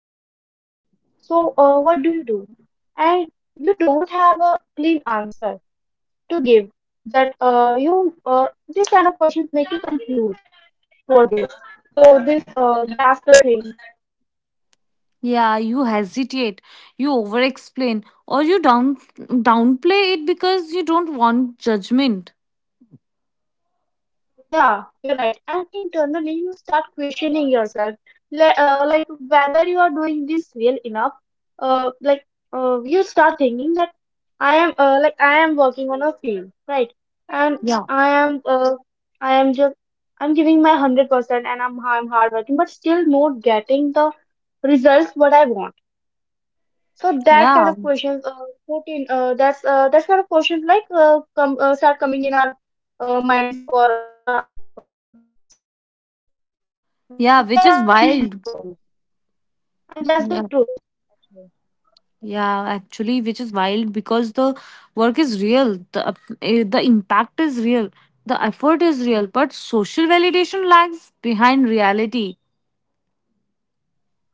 people ask, so what do you do? And you don't have a clean answer to give that you this kind of questions make you confused for this. That's the thing. Yeah, you hesitate, you over explain, or you downplay it because you don't want judgment. Yeah, you're right. And internally, you start questioning yourself, like whether you are doing this real enough. Uh, like you start thinking that like I am working on a field, right? And Yeah. I am, uh, I am just, I'm giving my 100%, and I'm hard working, but still not getting the results what I want. So that kind Yeah. of questions, that kind of questions come start coming in our minds or in our senses that Yeah, which where is I go wild. wrong, and that's the Yeah. truth. Yeah, actually, which is wild because the work is real, the impact is real, the effort is real, but social validation lags behind reality.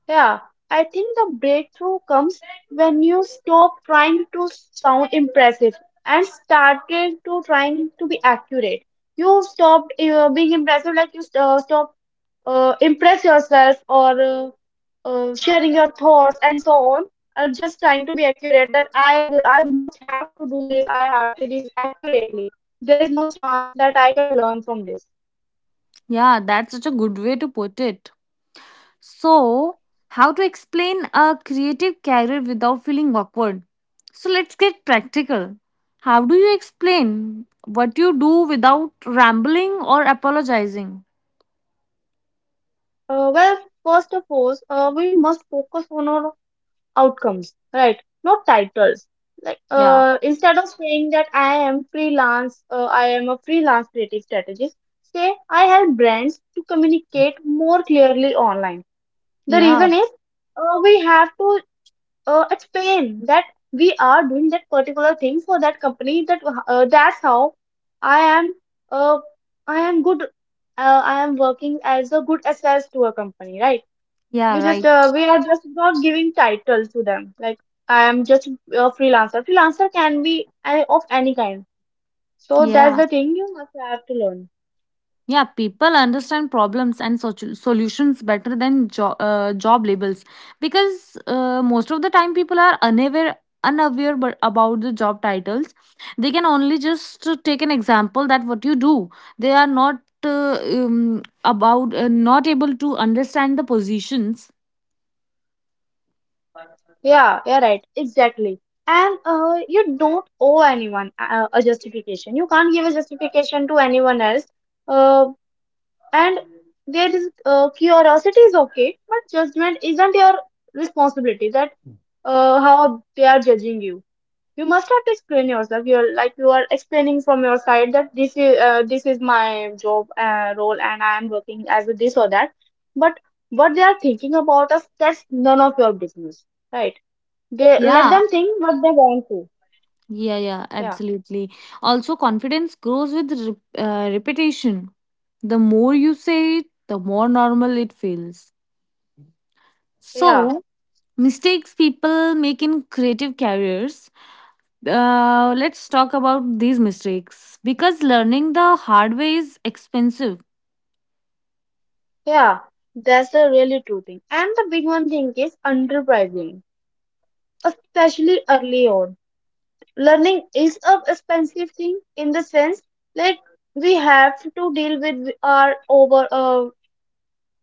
Yeah, I think the breakthrough comes when you stop trying to sound impressive and started to trying to be accurate. You stopped being impressive, like you stop impress yourself or sharing your thoughts and so on. Or just trying to be accurate that I must have to do this. I have to do this accurately. There is no chance that I can learn from this. Yeah, that's such a good way to put it. So, how to explain a creative career without feeling awkward? So, let's get practical. How do you explain what you do without rambling or apologizing? Uh, well, first of all, we must focus on our outcomes, right, not titles, like Yeah, instead of saying that I am a freelance creative strategist. Say I help brands to communicate more clearly online. The yeah, reason is we have to explain that we are doing that particular thing for that company. That's how i am uh, I am good, I am working as a good assess to a company, right? yeah, right. We are just not giving title to them, like I am just a freelancer. Freelancer can be of any kind. So that's Yeah. the thing you must have to learn. Yeah, people understand problems and solutions better than job labels because most of the time people are unaware unaware but about the job titles. They can only just take an example that what you do. They are not, about not able to understand the positions. Yeah, yeah, right, exactly. And you don't owe anyone a justification. You can't give a justification to anyone else. Uh, and there is curiosity is okay, but judgment isn't your responsibility, that how they are judging you. You must have to explain yourself. You're like you are explaining from your side that this is my job role, and I am working as a this or that. But what they are thinking about us, that's none of your business, right? They let Yeah, them think what they want to. yeah, yeah, Yeah, absolutely. Also confidence grows with repetition. The more you say it, the more normal it feels. yeah, So mistakes people make in creative careers, let's talk about these mistakes because learning the hard way is expensive. yeah. That's the really true thing. And the big one thing is underpricing, especially early on. Learning is a expensive thing in the sense, like we have to deal with our over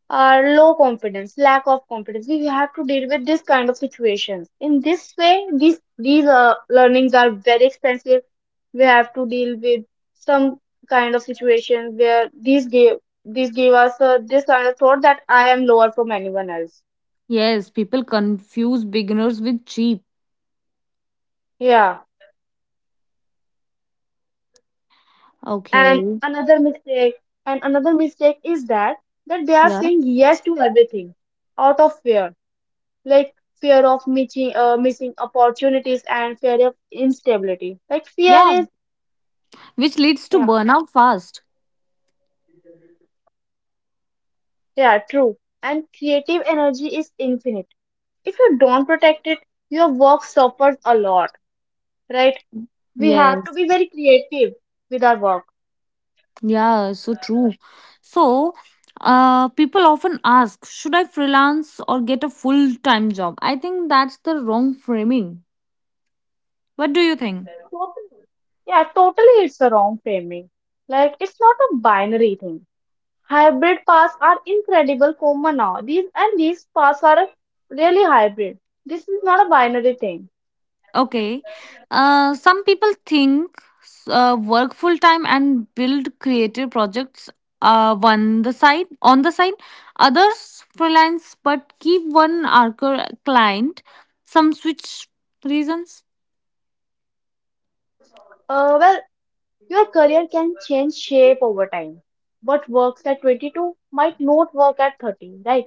are low confidence, lack of confidence. We have to deal with this kind of situations. In this way, these learnings are very expensive. We have to deal with some kind of situation where these give us this kind of thought that I am lower from anyone else. Yes, people confuse beginners with cheap. Yeah, and Okay. another mistake and another mistake is that that they are Yeah, saying yes to everything out of fear, like fear of missing opportunities and fear of instability, like fear yeah, is, which leads to yeah, burnout fast. yeah, yeah, true. And creative energy is infinite. If you don't protect it, your work suffers a lot, right? We have to Yes. be very creative with our work. Yeah, so true. So, people often ask, should I freelance or get a full-time job? I think that's the wrong framing. What do you think? Totally. Yeah, totally, it's a wrong framing. Like it's not a binary thing. Hybrid paths are incredible common now. These and these paths are a really hybrid. This is not a binary thing. Okay. Some people think, work full time and build creative projects, one the side on the side. Others freelance but keep one anchor client. Some switch reasons. Uh, well, your career can change shape over time. What works at 22 might not work at 30, right?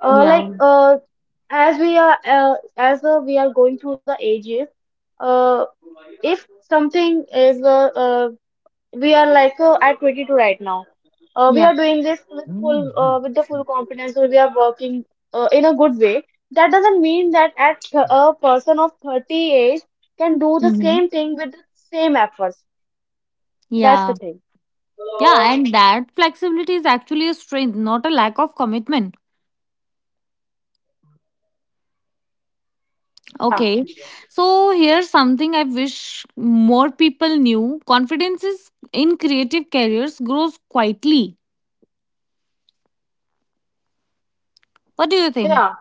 Uh, like Yeah. uh, as we are going through the ages, uh, if something is we are at 22 right now. We Yeah. are doing this with full with the full confidence, or we are working in a good way. That doesn't mean that a person of 30 age can do the Mm-hmm. same thing with the same efforts. That's Yeah. the thing. Yeah. And that flexibility is actually a strength, not a lack of commitment. Yeah, Okay. So here's something I wish more people knew. Confidence is in creative careers grows quietly. What do you think? yeah,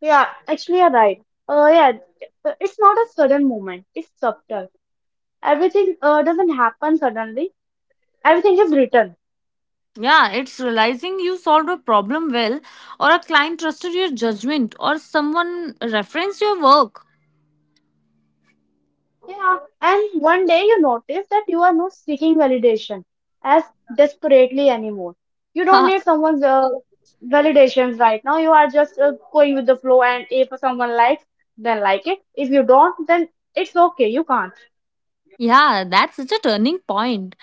yeah. Actually, you're right. Uh, yeah, it's not a sudden movement. It's subtle. Everything doesn't happen suddenly. Everything is written. Yeah, it's realizing you solved a problem well, or a client trusted your judgment, or someone referenced your work. Yeah, and one day you notice that you are not seeking validation as desperately anymore. You don't need someone's validations right now. You are just going with the flow, and if someone likes, then like it. If you don't, then it's okay. You can't. Yeah, that's such a turning point.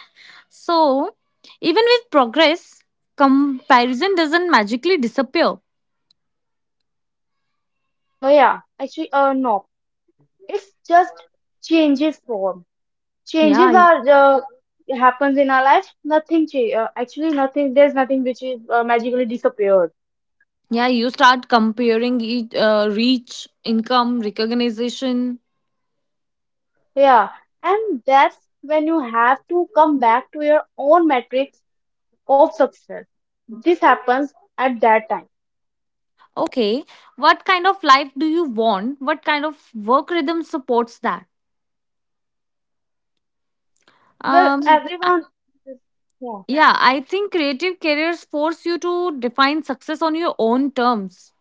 So, even with progress, comparison doesn't magically disappear. Yeah, actually, no. It's just changes form. Yeah. Changes are happens in our life. Nothing. Cha- Actually, nothing. There's nothing which is magically disappeared. Yeah, you start comparing each, reach, income, recognition. Yeah, and that's when you have to come back to your own metrics of success. This happens at that time. Okay, what kind of life do you want? What kind of work rhythm supports that? Well, Um, I- everyone, yeah, yeah, I think creative careers force you to define success on your own terms.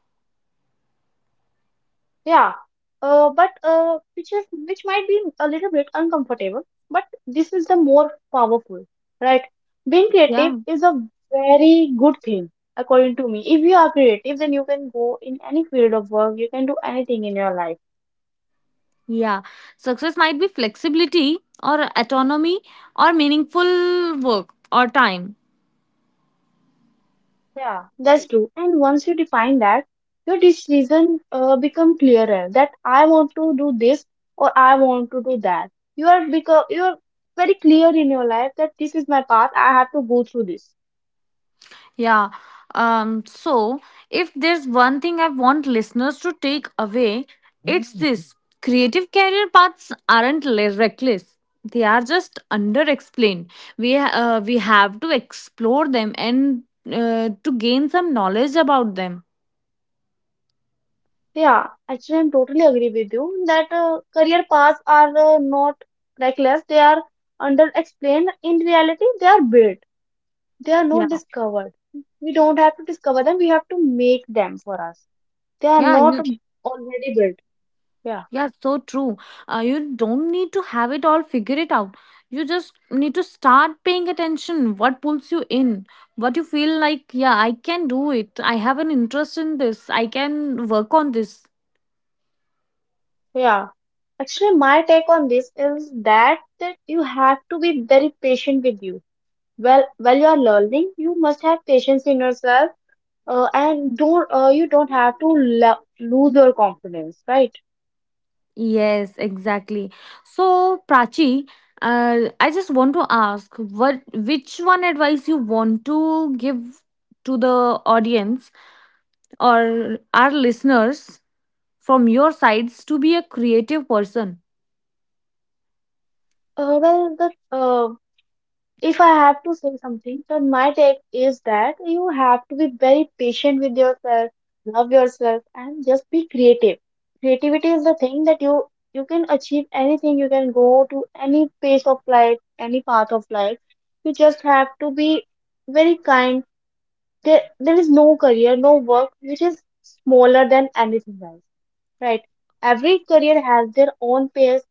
yeah. But which might be a little bit uncomfortable, but this is the more powerful, right? Being creative Yeah, is a very good thing, according to me. If you are creative, then you can go in any field of work. You can do anything in your life. yeah. Success might be flexibility or autonomy or meaningful work or time. Yeah, that's true. And once you define that, your decision become clearer that I want to do this or I want to do that. You are very clear in your life that this is my path. I have to go through this. Yeah. So, if there's one thing I want listeners to take away, it's this: creative career paths aren't reckless. They are just under explained. We, we have to explore them and to gain some knowledge about them. Yeah, actually, I'm totally agree with you that career paths are not reckless. They are under explained. In reality, they are built. They are not Yeah. discovered. We don't have to discover them. We have to make them for us. They are Yeah. not You. already built. Yeah. Yeah, so true. You don't need to have it all figure it out. You just need to start paying attention. What pulls you in? What you feel like, yeah, I can do it. I have an interest in this. I can work on this. Yeah. Actually, my take on this is that that you have to be very patient with you. Well, while you are learning, you must have patience in yourself, and don't you don't have to lose your confidence, right? Yes, exactly. So, Prachi, I just want to ask what which one advice you want to give to the audience or our listeners from your sides to be a creative person? Well, the If I have to say something, then my take is that you have to be very patient with yourself, love yourself, and just be creative. Creativity is the thing that you can achieve anything. You can go to any pace of life, any path of life. You just have to be very kind. There is no career, no work which is smaller than anything else, right? Every career has their own pace,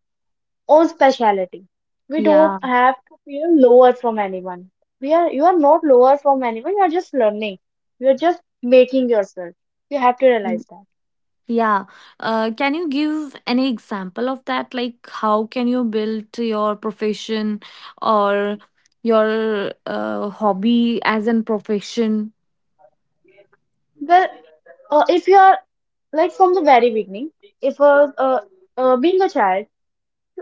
own specialty. We don't Yeah, have to feel lower from anyone. We are you are not lower from anyone. You are just learning. You are just making yourself. You have to mm, realize that. yeah. Can you give any example of that? Like, how can you build your profession or your hobby as an profession? Well, if you are like from the very beginning, if being a child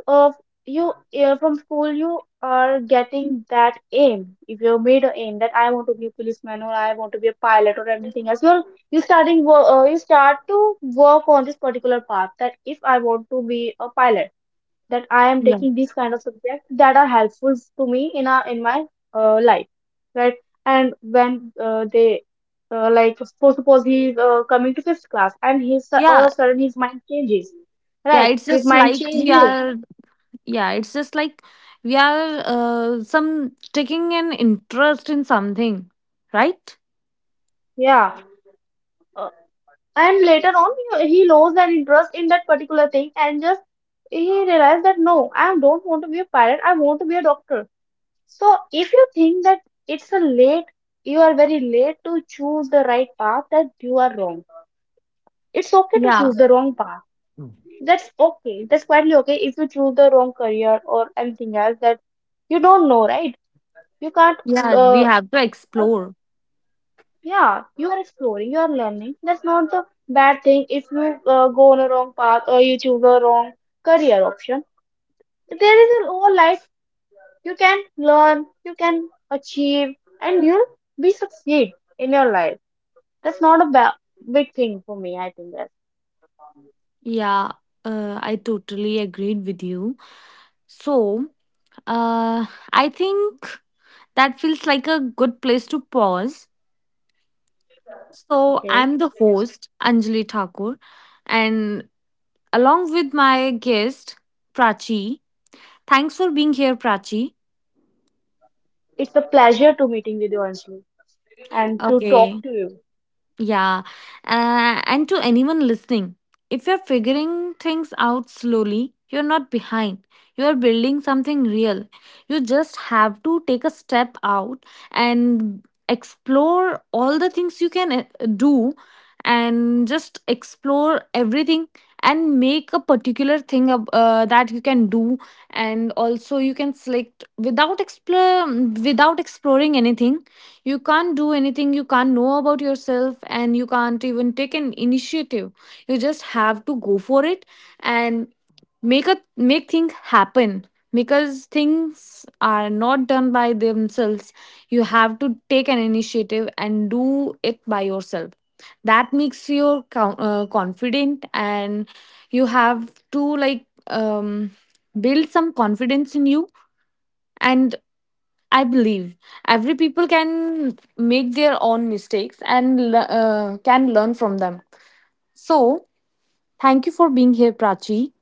of you, from school you are getting that aim. If you made a aim that I want to be a policeman or I want to be a pilot or anything else, you're you start to work on this particular path, that if I want to be a pilot, that I am Yeah, taking these kind of subjects that are helpful to me in a in my life, right? And when uh, they uh, like suppose he's coming to fifth class, and he's all of yeah, a sudden his mind changes, yeah. right, It's his just mind like changes. Yeah, it's just like we are some taking an interest in something, right? Yeah. Uh, and later on, he lost that interest in that particular thing, and just he realized that no, I don't want to be a pilot, I want to be a doctor. So if you think that it's a late, you are very late to choose the right path, that you are wrong. It's okay to Yeah. choose the wrong path. Mm. That's okay. That's quietly okay if you choose the wrong career or anything else that you don't know, right? You can't. Yeah, we Uh, have to explore. Yeah, you are exploring, you are learning. That's not the bad thing if you go on a wrong path or you choose a wrong career option. There is a whole life. You can learn, you can achieve, and you'll be succeed in your life. That's not a big thing for me. I think that. Yeah, I totally agreed with you. So, uh, I think that feels like a good place to pause. So, Okay. I'm the Yeah. host, Anjali Thakur, and along with my guest, Prachi. Thanks for being here, Prachi. It's a pleasure to meeting with you, Anjali, and to talk Okay. to you. Yeah. And to anyone listening, if you're figuring things out slowly, you're not behind. You are building something real. You just have to take a step out and explore all the things you can do, and just explore everything and make a particular thing that you can do. And also you can select without explore, without exploring anything, you can't do anything, you can't know about yourself, and you can't even take an initiative. You just have to go for it and make things happen, because things are not done by themselves. You have to take an initiative and do it by yourself. That makes you confident, and you have to, like, build some confidence in you. And I believe every people can make their own mistakes and can learn from them. So, thank you for being here, Prachi,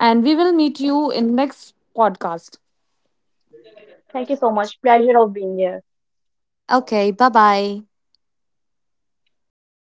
and we will meet you in next podcast. Thank you so much. Pleasure of being here. Okay, bye bye. Bye.